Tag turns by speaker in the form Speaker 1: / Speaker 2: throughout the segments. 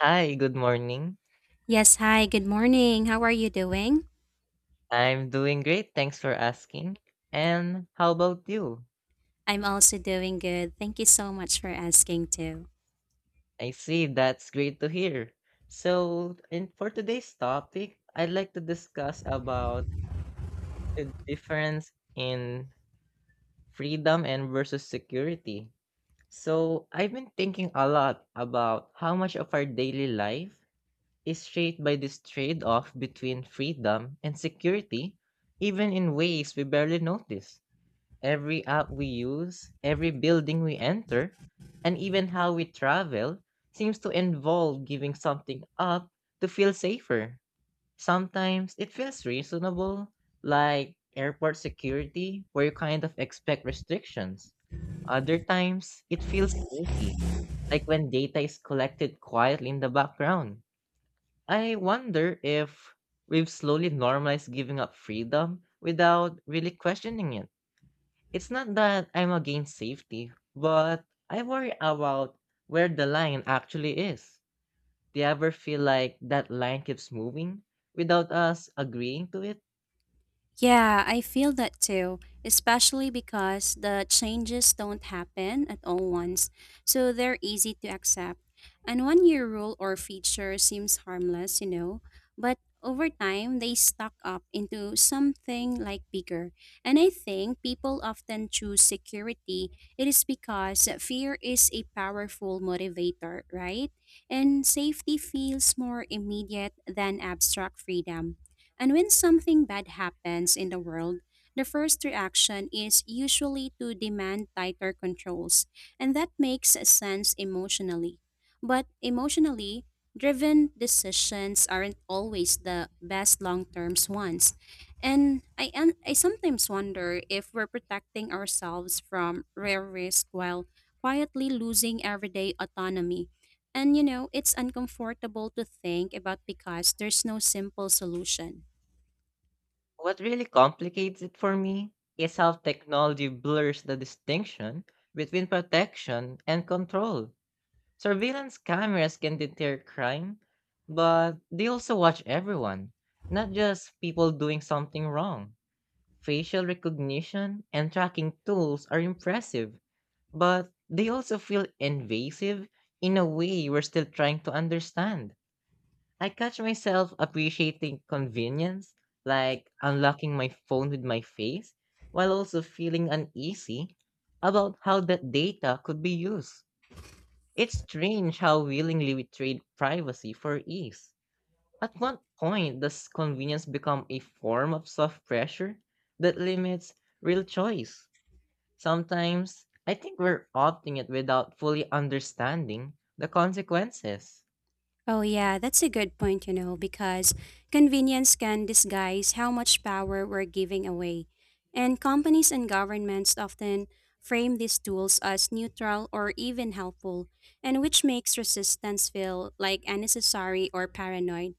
Speaker 1: Hi, good morning.
Speaker 2: Yes, hi, good morning. How are you doing?
Speaker 1: I'm doing great, thanks for asking. And how about you?
Speaker 2: I'm also doing good. Thank you so much for asking too.
Speaker 1: I see, that's great to hear. So, in for today's topic, I'd like to discuss about the difference in freedom and versus security. So, I've been thinking a lot about how much of our daily life is shaped by this trade-off between freedom and security, even in ways we barely notice. Every app we use, every building we enter, and even how we travel seems to involve giving something up to feel safer. Sometimes it feels reasonable, like airport security, where you kind of expect restrictions. Other times it feels sneaky, like when data is collected quietly in the background. I wonder if we've slowly normalized giving up freedom without really questioning it. It's not that I'm against safety, but I worry about where the line actually is. Do you ever feel like that line keeps moving without us agreeing to it?
Speaker 2: Yeah, I feel that too, especially because the changes don't happen at all once, so they're easy to accept. And one year rule or feature seems harmless, you know, but over time they stock up into something like bigger. And I think people often choose security. It is because fear is a powerful motivator, right? And safety feels more immediate than abstract freedom. And when something bad happens in the world, the first reaction is usually to demand tighter controls, and that makes sense emotionally. But emotionally driven decisions aren't always the best long term ones. And I sometimes wonder if we're protecting ourselves from rare risk while quietly losing everyday autonomy. And you know, it's uncomfortable to think about because there's no simple solution.
Speaker 1: What really complicates it for me is how technology blurs the distinction between protection and control. Surveillance cameras can deter crime, but they also watch everyone, not just people doing something wrong. Facial recognition and tracking tools are impressive, but they also feel invasive in a way we're still trying to understand. I catch myself appreciating convenience, like unlocking my phone with my face, while also feeling uneasy about how that data could be used. It's strange how willingly we trade privacy for ease. At what point does convenience become a form of soft pressure that limits real choice? Sometimes, I think we're opting it without fully understanding the consequences.
Speaker 2: Oh, yeah, that's a good point, you know, because convenience can disguise how much power we're giving away. And companies and governments often frame these tools as neutral or even helpful, and which makes resistance feel like unnecessary or paranoid.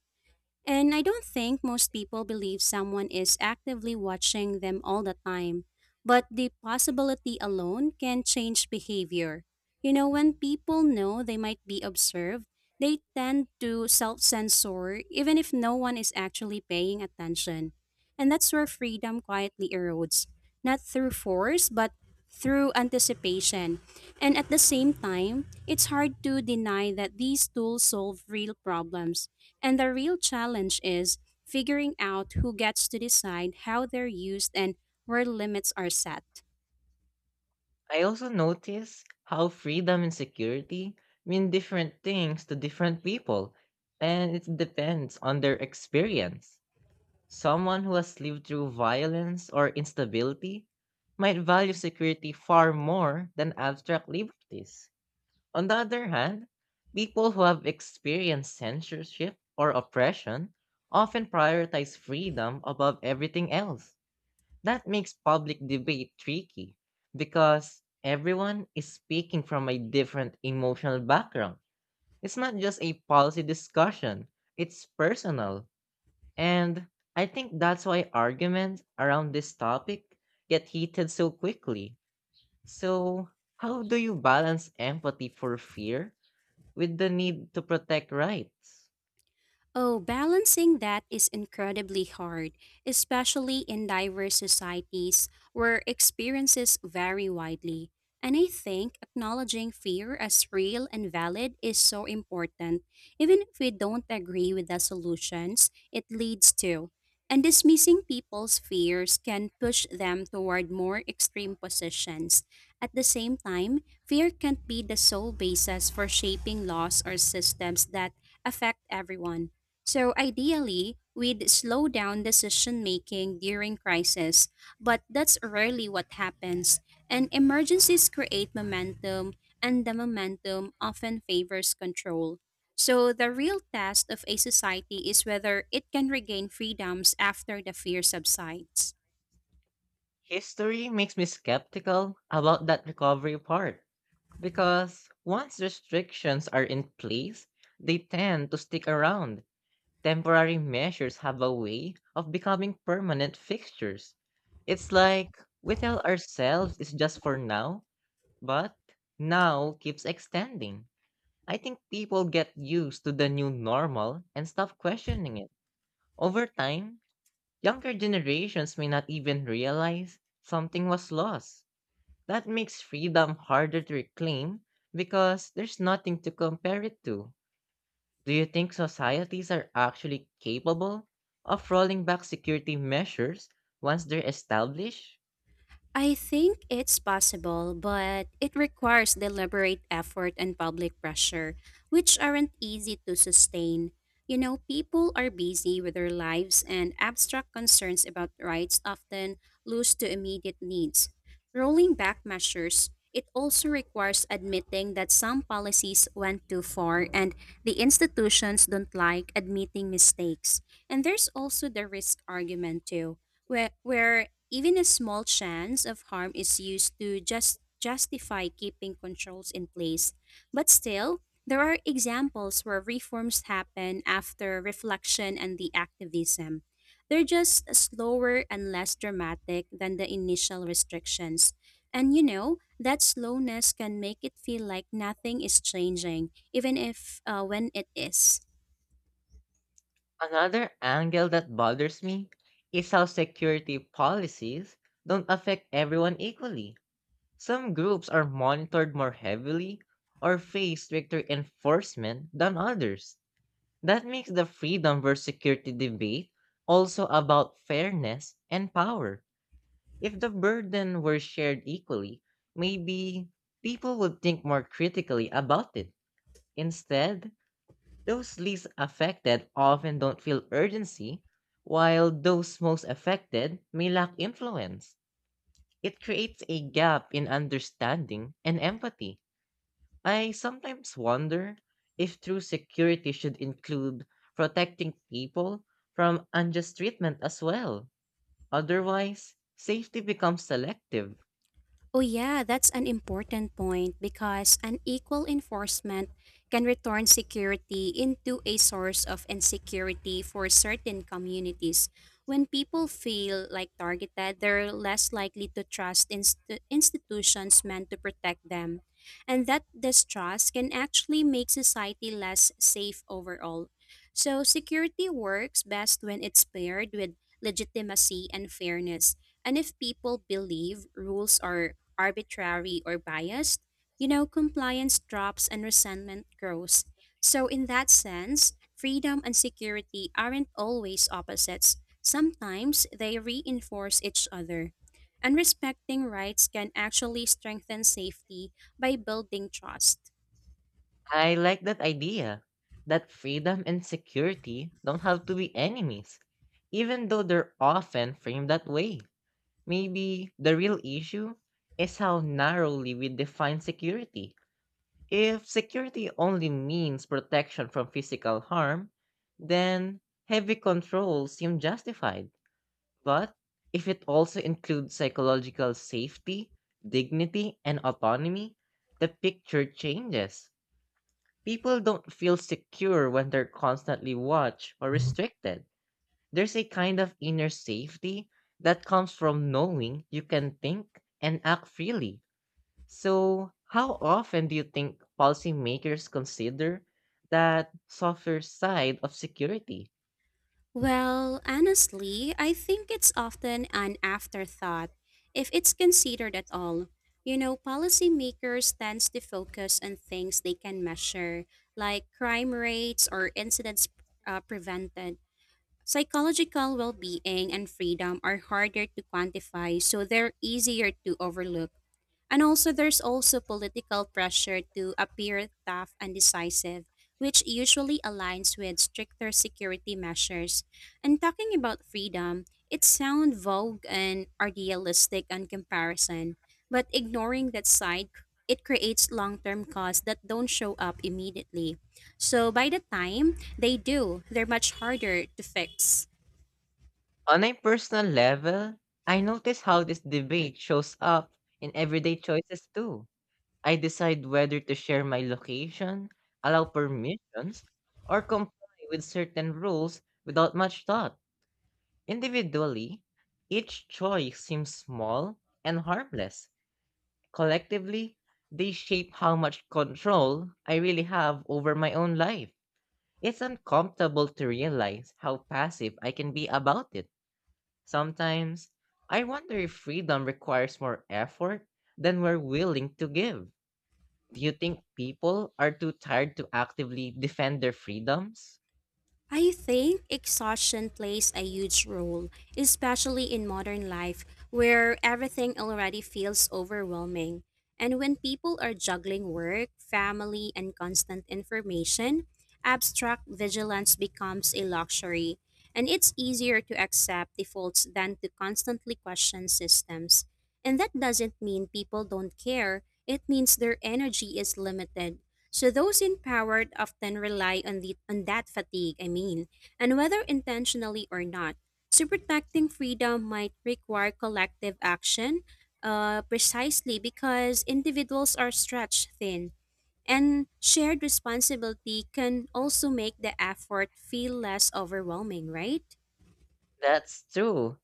Speaker 2: And I don't think most people believe someone is actively watching them all the time, but the possibility alone can change behavior. You know, when people know they might be observed, they tend to self censor even if no one is actually paying attention. And that's where freedom quietly erodes, not through force, but through anticipation. And at the same time, it's hard to deny that these tools solve real problems and the real challenge is figuring out who gets to decide how they're used and where limits are set.
Speaker 1: I also notice how freedom and security mean different things to different people, and it depends on their experience. Someone who has lived through violence or instability might value security far more than abstract liberties. On the other hand, people who have experienced censorship or oppression often prioritize freedom above everything else. That makes public debate tricky because everyone is speaking from a different emotional background. It's not just a policy discussion, it's personal. And I think that's why arguments around this topic get heated so quickly. So, how do you balance empathy for fear with the need to protect rights?
Speaker 2: Oh, balancing that is incredibly hard, especially in diverse societies where experiences vary widely. And I think acknowledging fear as real and valid is so important. Even if we don't agree with the solutions it leads to, and dismissing people's fears can push them toward more extreme positions. At the same time, fear can't be the sole basis for shaping laws or systems that affect everyone. So ideally, we'd slow down decision making during crisis, but that's rarely what happens. And emergencies create momentum, and the momentum often favors control. So the real test of a society is whether it can regain freedoms after the fear subsides.
Speaker 1: History makes me skeptical about that recovery part because once restrictions are in place, they tend to stick around. Temporary measures have a way of becoming permanent fixtures. It's like we tell ourselves it's just for now, but now keeps extending. I think people get used to the new normal and stop questioning it. Over time, younger generations may not even realize something was lost. That makes freedom harder to reclaim because there's nothing to compare it to. Do you think societies are actually capable of rolling back security measures once they're established?
Speaker 2: I think it's possible, but it requires deliberate effort and public pressure, which aren't easy to sustain. You know, people are busy with their lives, and abstract concerns about rights often lose to immediate needs. Rolling back measures, it also requires admitting that some policies went too far and the institutions don't like admitting mistakes. And there's also the risk argument, too where even a small chance of harm is used to just justify keeping controls in place. But still, there are examples where reforms happen after reflection and the activism. They're just slower and less dramatic than the initial restrictions. And you know, that slowness can make it feel like nothing is changing, even if when it is.
Speaker 1: Another angle that bothers me is how security policies don't affect everyone equally. Some groups are monitored more heavily or face stricter enforcement than others. That makes the freedom versus security debate also about fairness and power. If the burden were shared equally, maybe people would think more critically about it. Instead, those least affected often don't feel urgency, while those most affected may lack influence. It creates a gap in understanding and empathy. I sometimes wonder if true security should include protecting people from unjust treatment as well. Otherwise, safety becomes selective.
Speaker 2: Oh, yeah, that's an important point because unequal enforcement can return security into a source of insecurity for certain communities. When people feel like targeted, they're less likely to trust institutions meant to protect them. And that distrust can actually make society less safe overall. So, security works best when it's paired with legitimacy and fairness. And if people believe rules are arbitrary or biased, you know, compliance drops and resentment grows. So, in that sense, freedom and security aren't always opposites. Sometimes they reinforce each other. And respecting rights can actually strengthen safety by building trust.
Speaker 1: I like that idea that freedom and security don't have to be enemies, even though they're often framed that way. Maybe the real issue is how narrowly we define security. If security only means protection from physical harm, then heavy controls seem justified. But if it also includes psychological safety, dignity, and autonomy, the picture changes. People don't feel secure when they're constantly watched or restricted. There's a kind of inner safety that comes from knowing you can think and act freely. So, how often do you think policymakers consider that softer side of security?
Speaker 2: Well, honestly, I think it's often an afterthought, if it's considered at all. You know, policymakers tends to focus on things they can measure, like crime rates or incidents prevented. Psychological well being and freedom are harder to quantify, so they're easier to overlook. And also, there's also political pressure to appear tough and decisive, which usually aligns with stricter security measures. And talking about freedom, it sounds vogue and idealistic on comparison, but ignoring that side, it creates long term costs that don't show up immediately. So, by the time they do. They're much harder to fix.
Speaker 1: On a personal level, I notice how this debate shows up in everyday choices too. I decide whether to share my location, allow permissions, or comply with certain rules without much thought. Individually, each choice seems small and harmless. Collectively, they shape how much control I really have over my own life. It's uncomfortable to realize how passive I can be about it. Sometimes, I wonder if freedom requires more effort than we're willing to give. Do you think people are too tired to actively defend their freedoms?
Speaker 2: I think exhaustion plays a huge role, especially in modern life where everything already feels overwhelming. And when people are juggling work, family, and constant information, abstract vigilance becomes a luxury. And it's easier to accept defaults than to constantly question systems. And that doesn't mean people don't care, it means their energy is limited. So those in power often rely on the on that fatigue, I mean, and whether intentionally or not. So protecting freedom might require collective action, precisely because individuals are stretched thin. And shared responsibility can also make the effort feel less overwhelming, right?
Speaker 1: That's true.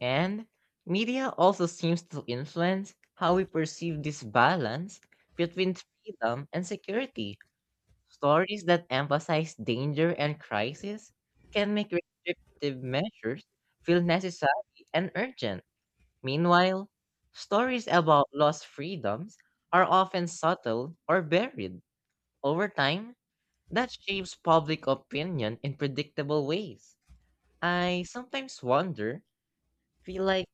Speaker 1: And media also seems to influence how we perceive this balance between freedom and security. Stories that emphasize danger and crisis can make restrictive measures feel necessary and urgent. Meanwhile, stories about lost freedoms are often subtle or buried. Over time, that shapes public opinion in predictable ways. I sometimes wonder, feel like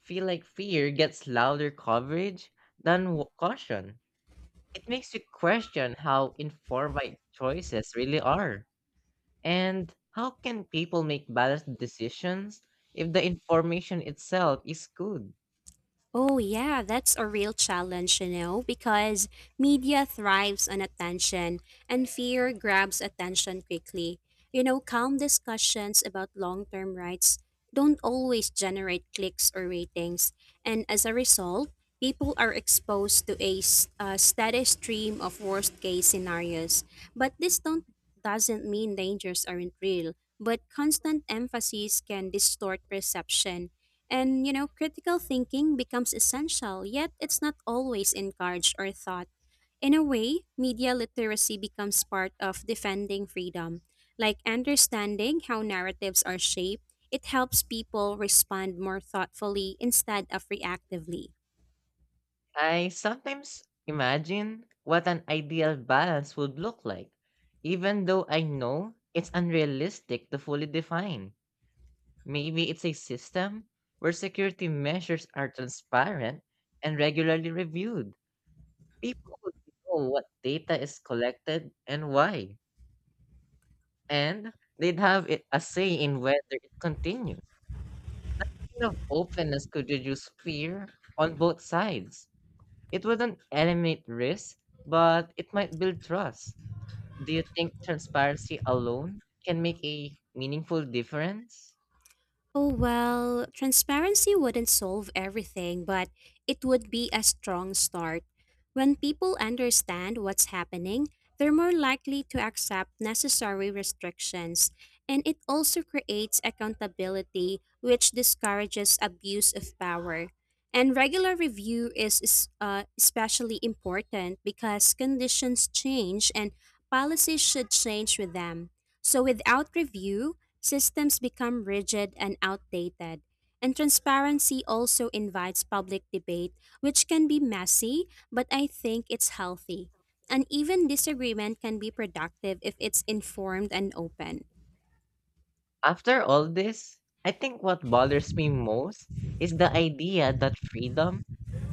Speaker 1: feel like fear gets louder coverage than caution. It makes you question how informed my choices really are. And how can people make balanced decisions if the information itself is good?
Speaker 2: Oh, yeah, that's a real challenge, you know, because media thrives on attention and fear grabs attention quickly. You know, calm discussions about long term rights don't always generate clicks or ratings. And as a result, people are exposed to a steady stream of worst case scenarios. But this don't, doesn't mean dangers aren't real, but constant emphasis can distort perception. And you know, critical thinking becomes essential, yet it's not always encouraged or thought. In a way, media literacy becomes part of defending freedom. Like understanding how narratives are shaped, it helps people respond more thoughtfully instead of reactively.
Speaker 1: I sometimes imagine what an ideal balance would look like, even though I know it's unrealistic to fully define. Maybe it's a system where security measures are transparent and regularly reviewed. People would know what data is collected and why, and they'd have a say in whether it continues. Kind of openness could reduce fear on both sides. It wouldn't eliminate risk, but it might build trust. Do you think transparency alone can make a meaningful difference?
Speaker 2: Oh, well, transparency wouldn't solve everything, but it would be a strong start. When people understand what's happening, they're more likely to accept necessary restrictions, and it also creates accountability, which discourages abuse of power. And regular review is especially important because conditions change and policies should change with them. So, without review, systems become rigid and outdated. And transparency also invites public debate, which can be messy, but I think it's healthy. And even disagreement can be productive if it's informed and open.
Speaker 1: After all this, I think what bothers me most is the idea that freedom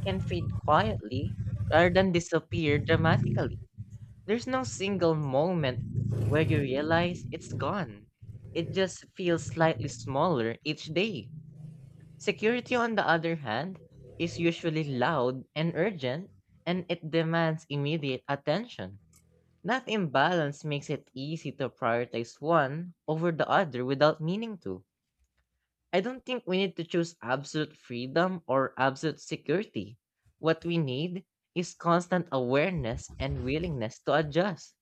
Speaker 1: can fade quietly rather than disappear dramatically. There's no single moment where you realize it's gone. It just feels slightly smaller each day. Security, on the other hand, is usually loud and urgent, and it demands immediate attention. That imbalance makes it easy to prioritize one over the other without meaning to. I don't think we need to choose absolute freedom or absolute security. What we need is constant awareness and willingness to adjust.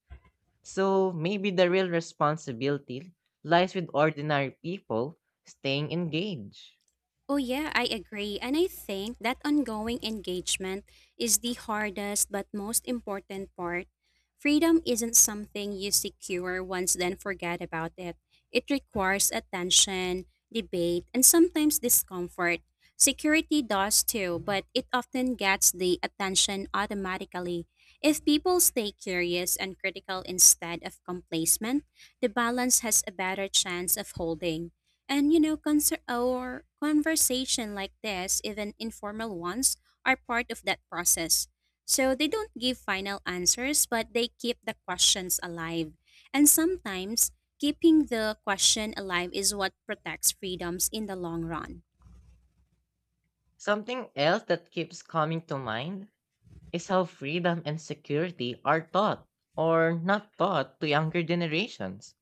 Speaker 1: So maybe the real responsibility lies with ordinary people staying engaged.
Speaker 2: Oh, yeah, I agree. And I think that ongoing engagement is the hardest but most important part. Freedom isn't something you secure once, then forget about it. It requires attention, debate, and sometimes discomfort. Security does too, but it often gets the attention automatically. If people stay curious and critical instead of complacent, the balance has a better chance of holding. And you know, conser- or conversation like this, even informal ones, are part of that process. So they don't give final answers, but they keep the questions alive. And sometimes keeping the question alive is what protects freedoms in the long run.
Speaker 1: Something else that keeps coming to mind is how freedom and security are taught or not taught to younger generations.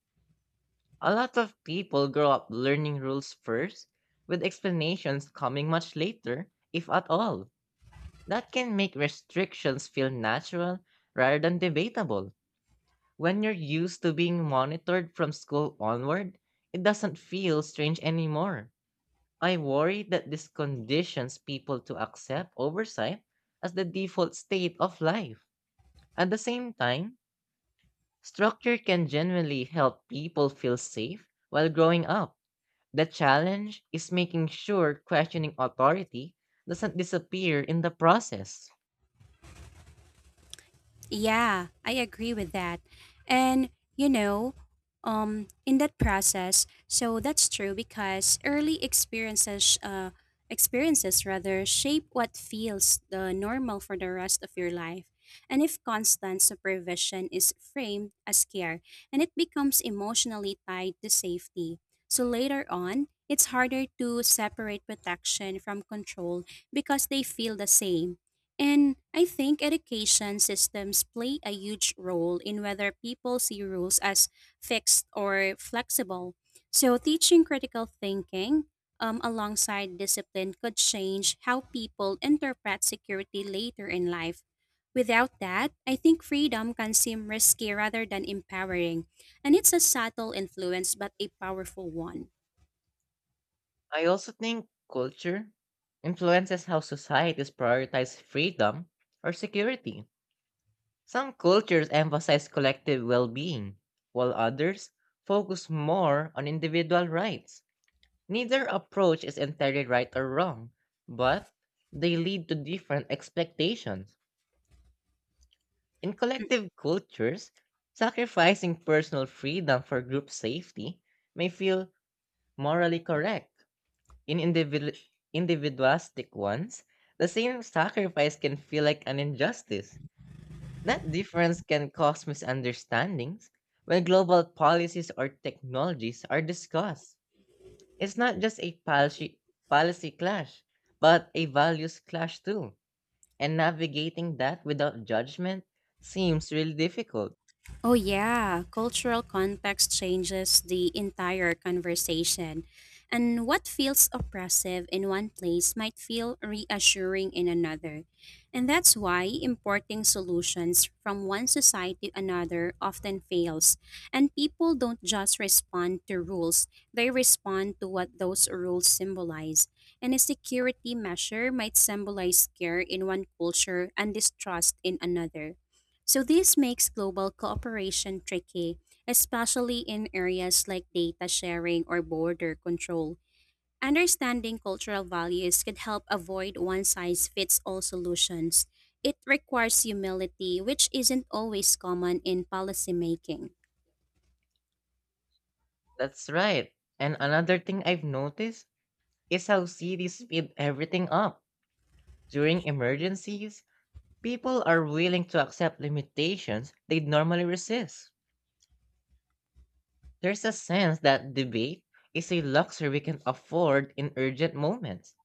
Speaker 1: A lot of people grow up learning rules first, with explanations coming much later, if at all. That can make restrictions feel natural rather than debatable. When you're used to being monitored from school onward, it doesn't feel strange anymore. I worry that this conditions people to accept oversight as the default state of life. At the same time, structure can genuinely help people feel safe while growing up. The challenge is making sure questioning authority doesn't disappear in the process.
Speaker 2: Yeah, I agree with that. And you know, in that process, so that's true because early experiences rather shape what feels the normal for the rest of your life. And if constant supervision is framed as care and it becomes emotionally tied to safety. So later on, it's harder to separate protection from control because they feel the same. And I think education systems play a huge role in whether people see rules as fixed or flexible. So, teaching critical thinking alongside discipline could change how people interpret security later in life. Without that, I think freedom can seem risky rather than empowering. And it's a subtle influence, but a powerful one.
Speaker 1: I also think culture influences how societies prioritize freedom or security. Some cultures emphasize collective well being, while others focus more on individual rights. Neither approach is entirely right or wrong, but they lead to different expectations. In collective cultures, sacrificing personal freedom for group safety may feel morally correct. In individualistic ones, the same sacrifice can feel like an injustice. That difference can cause misunderstandings when global policies or technologies are discussed. It's not just a policy clash, but a values clash too. And navigating that without judgment seems really difficult.
Speaker 2: Oh, yeah. Cultural context changes the entire conversation. And what feels oppressive in one place might feel reassuring in another. And that's why importing solutions from one society to another often fails. And people don't just respond to rules, they respond to what those rules symbolize. And a security measure might symbolize care in one culture and distrust in another. So this makes global cooperation tricky, especially in areas like data sharing or border control. Understanding cultural values could help avoid one size fits all solutions. It requires humility, which isn't always common in policymaking.
Speaker 1: That's right. And another thing I've noticed is how cities speed everything up. During emergencies, people are willing to accept limitations they'd normally resist. There's a sense that debate is a luxury we can afford in urgent moments.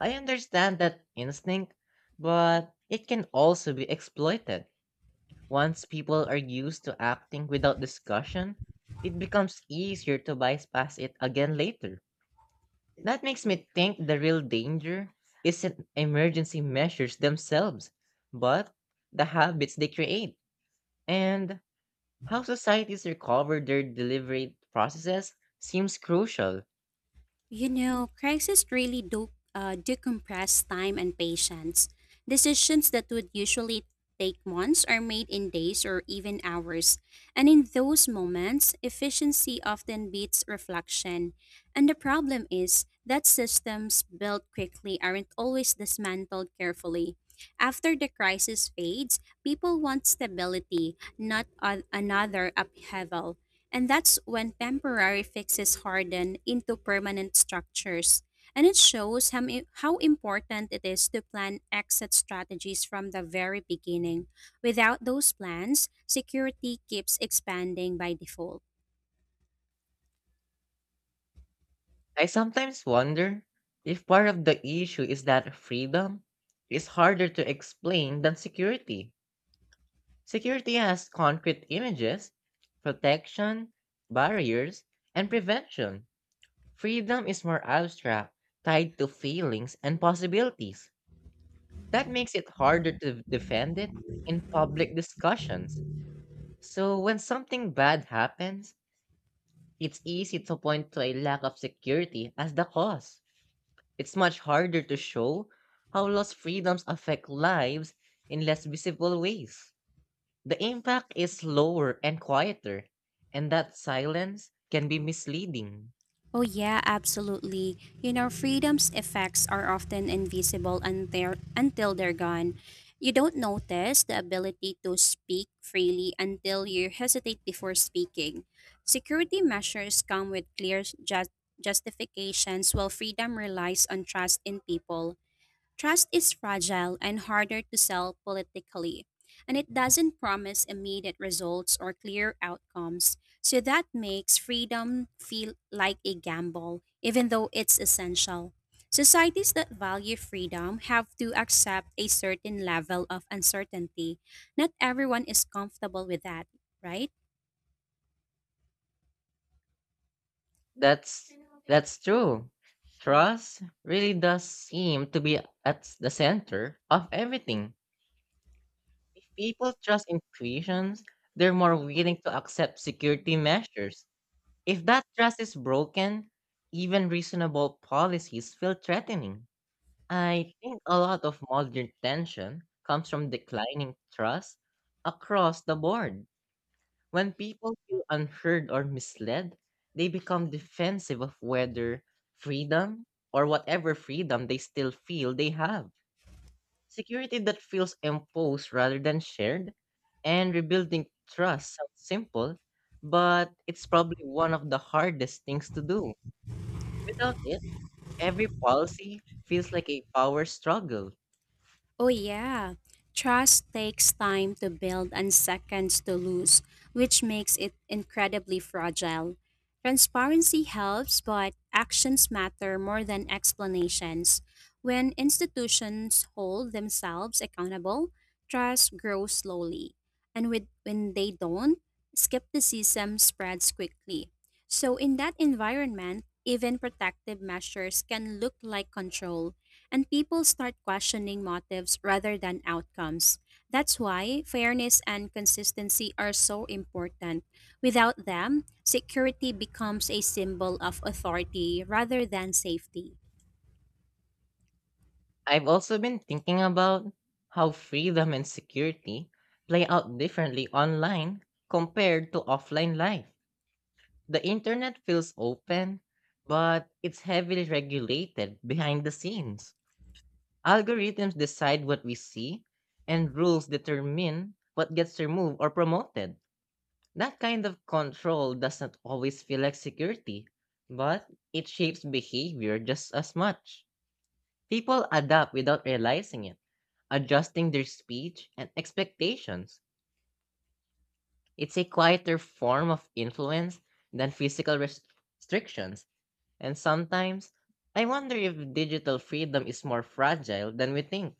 Speaker 1: I understand that instinct, but it can also be exploited. Once people are used to acting without discussion, it becomes easier to bypass it again later. That makes me think the real danger isn't emergency measures themselves, but the habits they create. And how societies recover their deliberate processes seems crucial.
Speaker 2: You know, crises really do decompress time and patience. Decisions that would usually take months are made in days or even hours. And in those moments, efficiency often beats reflection. And the problem is that systems built quickly aren't always dismantled carefully. After the crisis fades, people want stability, not another upheaval. And that's when temporary fixes harden into permanent structures. And it shows how important it is to plan exit strategies from the very beginning. Without those plans, security keeps expanding by default.
Speaker 1: I sometimes wonder if part of the issue is that freedom is harder to explain than security. Security has concrete images, protection, barriers, and prevention. Freedom is more abstract, tied to feelings and possibilities. That makes it harder to defend it in public discussions. So when something bad happens, it's easy to point to a lack of security as the cause. It's much harder to show how lost freedoms affect lives in less visible ways. The impact is slower and quieter, and that silence can be misleading.
Speaker 2: Oh, yeah, absolutely. You know, freedom's effects are often invisible until they're gone. You don't notice the ability to speak freely until you hesitate before speaking. Security measures come with clear justifications, while freedom relies on trust in people. Trust is fragile and harder to sell politically, and it doesn't promise immediate results or clear outcomes, so that makes freedom feel like a gamble, even though it's essential. Societies that value freedom have to accept a certain level of uncertainty. Not everyone is comfortable with that, right?
Speaker 1: That's that's true. Trust really does seem to be at the center of everything. If people trust intuitions, they're more willing to accept security measures. If that trust is broken, even reasonable policies feel threatening. I think a lot of modern tension comes from declining trust across the board. When people feel unheard or misled, they become defensive of whether freedom or whatever freedom they still feel they have. Security that feels imposed rather than shared, and rebuilding trust sounds simple, but it's probably one of the hardest things to do. Without it, every policy feels like a power struggle.
Speaker 2: Oh, yeah. Trust takes time to build and seconds to lose, which makes it incredibly fragile. Transparency helps, but actions matter more than explanations. When institutions hold themselves accountable, trust grows slowly. And when they don't, skepticism spreads quickly. So, in that environment, even protective measures can look like control and people start questioning motives rather than outcomes. That's why fairness and consistency are so important. Without them, security becomes a symbol of authority rather than safety.
Speaker 1: I've also been thinking about how freedom and security play out differently online compared to offline life. The internet feels open, but it's heavily regulated behind the scenes. Algorithms decide what we see, and rules determine what gets removed or promoted. That kind of control doesn't always feel like security, but it shapes behavior just as much. People adapt without realizing it, adjusting their speech and expectations. It's a quieter form of influence than physical restrictions, and sometimes I wonder if digital freedom is more fragile than we think.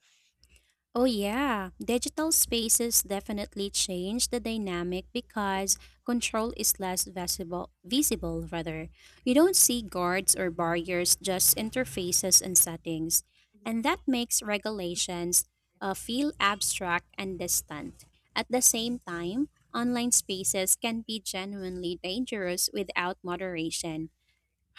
Speaker 2: Oh, yeah. Digital spaces definitely change the dynamic because control is less visible rather. You don't see guards or barriers, just interfaces and settings. And that makes regulations feel abstract and distant. At the same time, online spaces can be genuinely dangerous without moderation.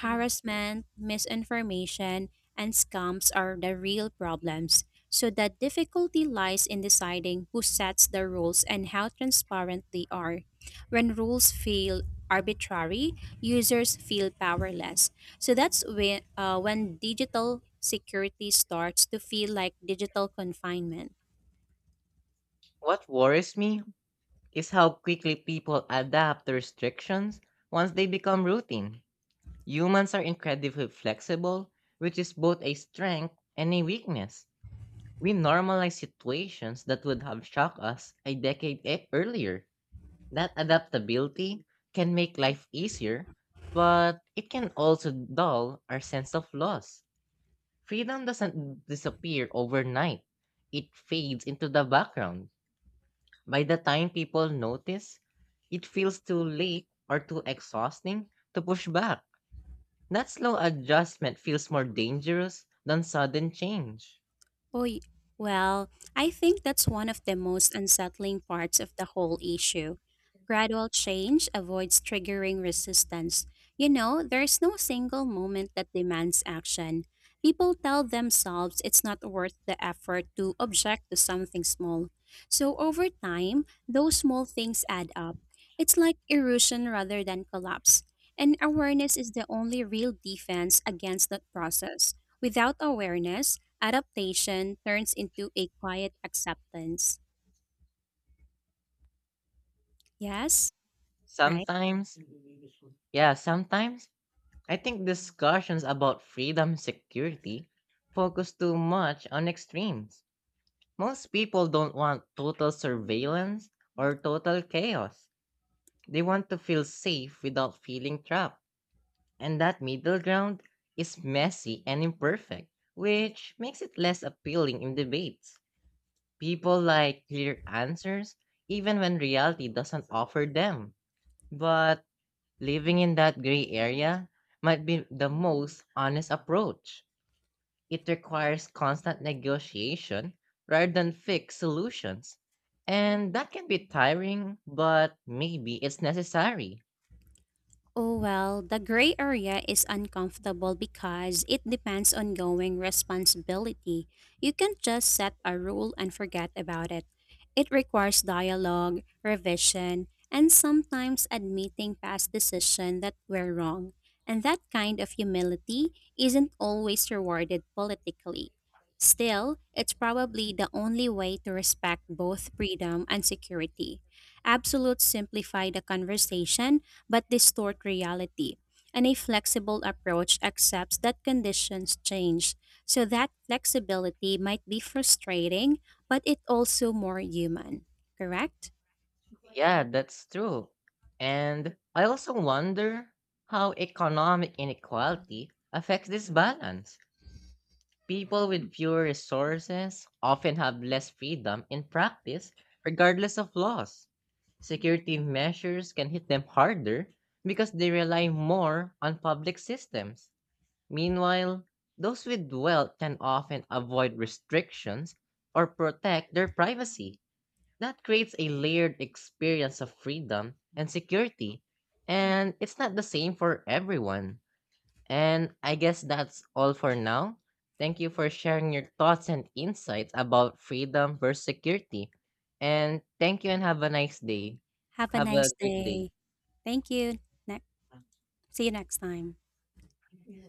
Speaker 2: Harassment, misinformation, and scams are the real problems. So the difficulty lies in deciding who sets the rules and how transparent they are. When rules feel arbitrary, users feel powerless. So that's when digital security starts to feel like digital confinement.
Speaker 1: What worries me is how quickly people adapt to restrictions once they become routine. Humans are incredibly flexible, which is both a strength and a weakness. We normalize situations that would have shocked us a decade earlier. That adaptability can make life easier, but it can also dull our sense of loss. Freedom doesn't disappear overnight, it fades into the background. By the time people notice, it feels too late or too exhausting to push back. That slow adjustment feels more dangerous than sudden change.
Speaker 2: Oh, y- well, I think that's one of the most unsettling parts of the whole issue. Gradual change avoids triggering resistance. You know, there's no single moment that demands action. People tell themselves it's not worth the effort to object to something small. So over time, those small things add up. It's like erosion rather than collapse. And awareness is the only real defense against that process. Without awareness, adaptation turns into a quiet acceptance. Yes, right?
Speaker 1: Sometimes, yeah, sometimes I think discussions about freedom security focus too much on extremes. Most people don't want total surveillance or total chaos. They want to feel safe without feeling trapped. And that middle ground is messy and imperfect, which makes it less appealing in debates. People like clear answers even when reality doesn't offer them. But living in that gray area might be the most honest approach. It requires constant negotiation rather than fixed solutions. And that can be tiring, but maybe it's necessary.
Speaker 2: Oh, well, the gray area is uncomfortable because it depends on going responsibility. You can't just set a rule and forget about it. It requires dialogue, revision, and sometimes admitting past decisions that were wrong. And that kind of humility isn't always rewarded politically. Still, it's probably the only way to respect both freedom and security. Absolutes simplify the conversation but distort reality. And a flexible approach accepts that conditions change. So that flexibility might be frustrating, but it also more human. Correct?
Speaker 1: Yeah, that's true. And I also wonder how economic inequality affects this balance. People with fewer resources often have less freedom in practice, regardless of laws. Security measures can hit them harder because they rely more on public systems. Meanwhile, those with wealth can often avoid restrictions or protect their privacy. That creates a layered experience of freedom and security, and it's not the same for everyone. And I guess that's all for now. Thank you for sharing your thoughts and insights about freedom versus security. And thank you and have a nice day.
Speaker 2: Have a
Speaker 1: Have a
Speaker 2: nice
Speaker 1: great day.
Speaker 2: day. Thank you. Ne- See you next time.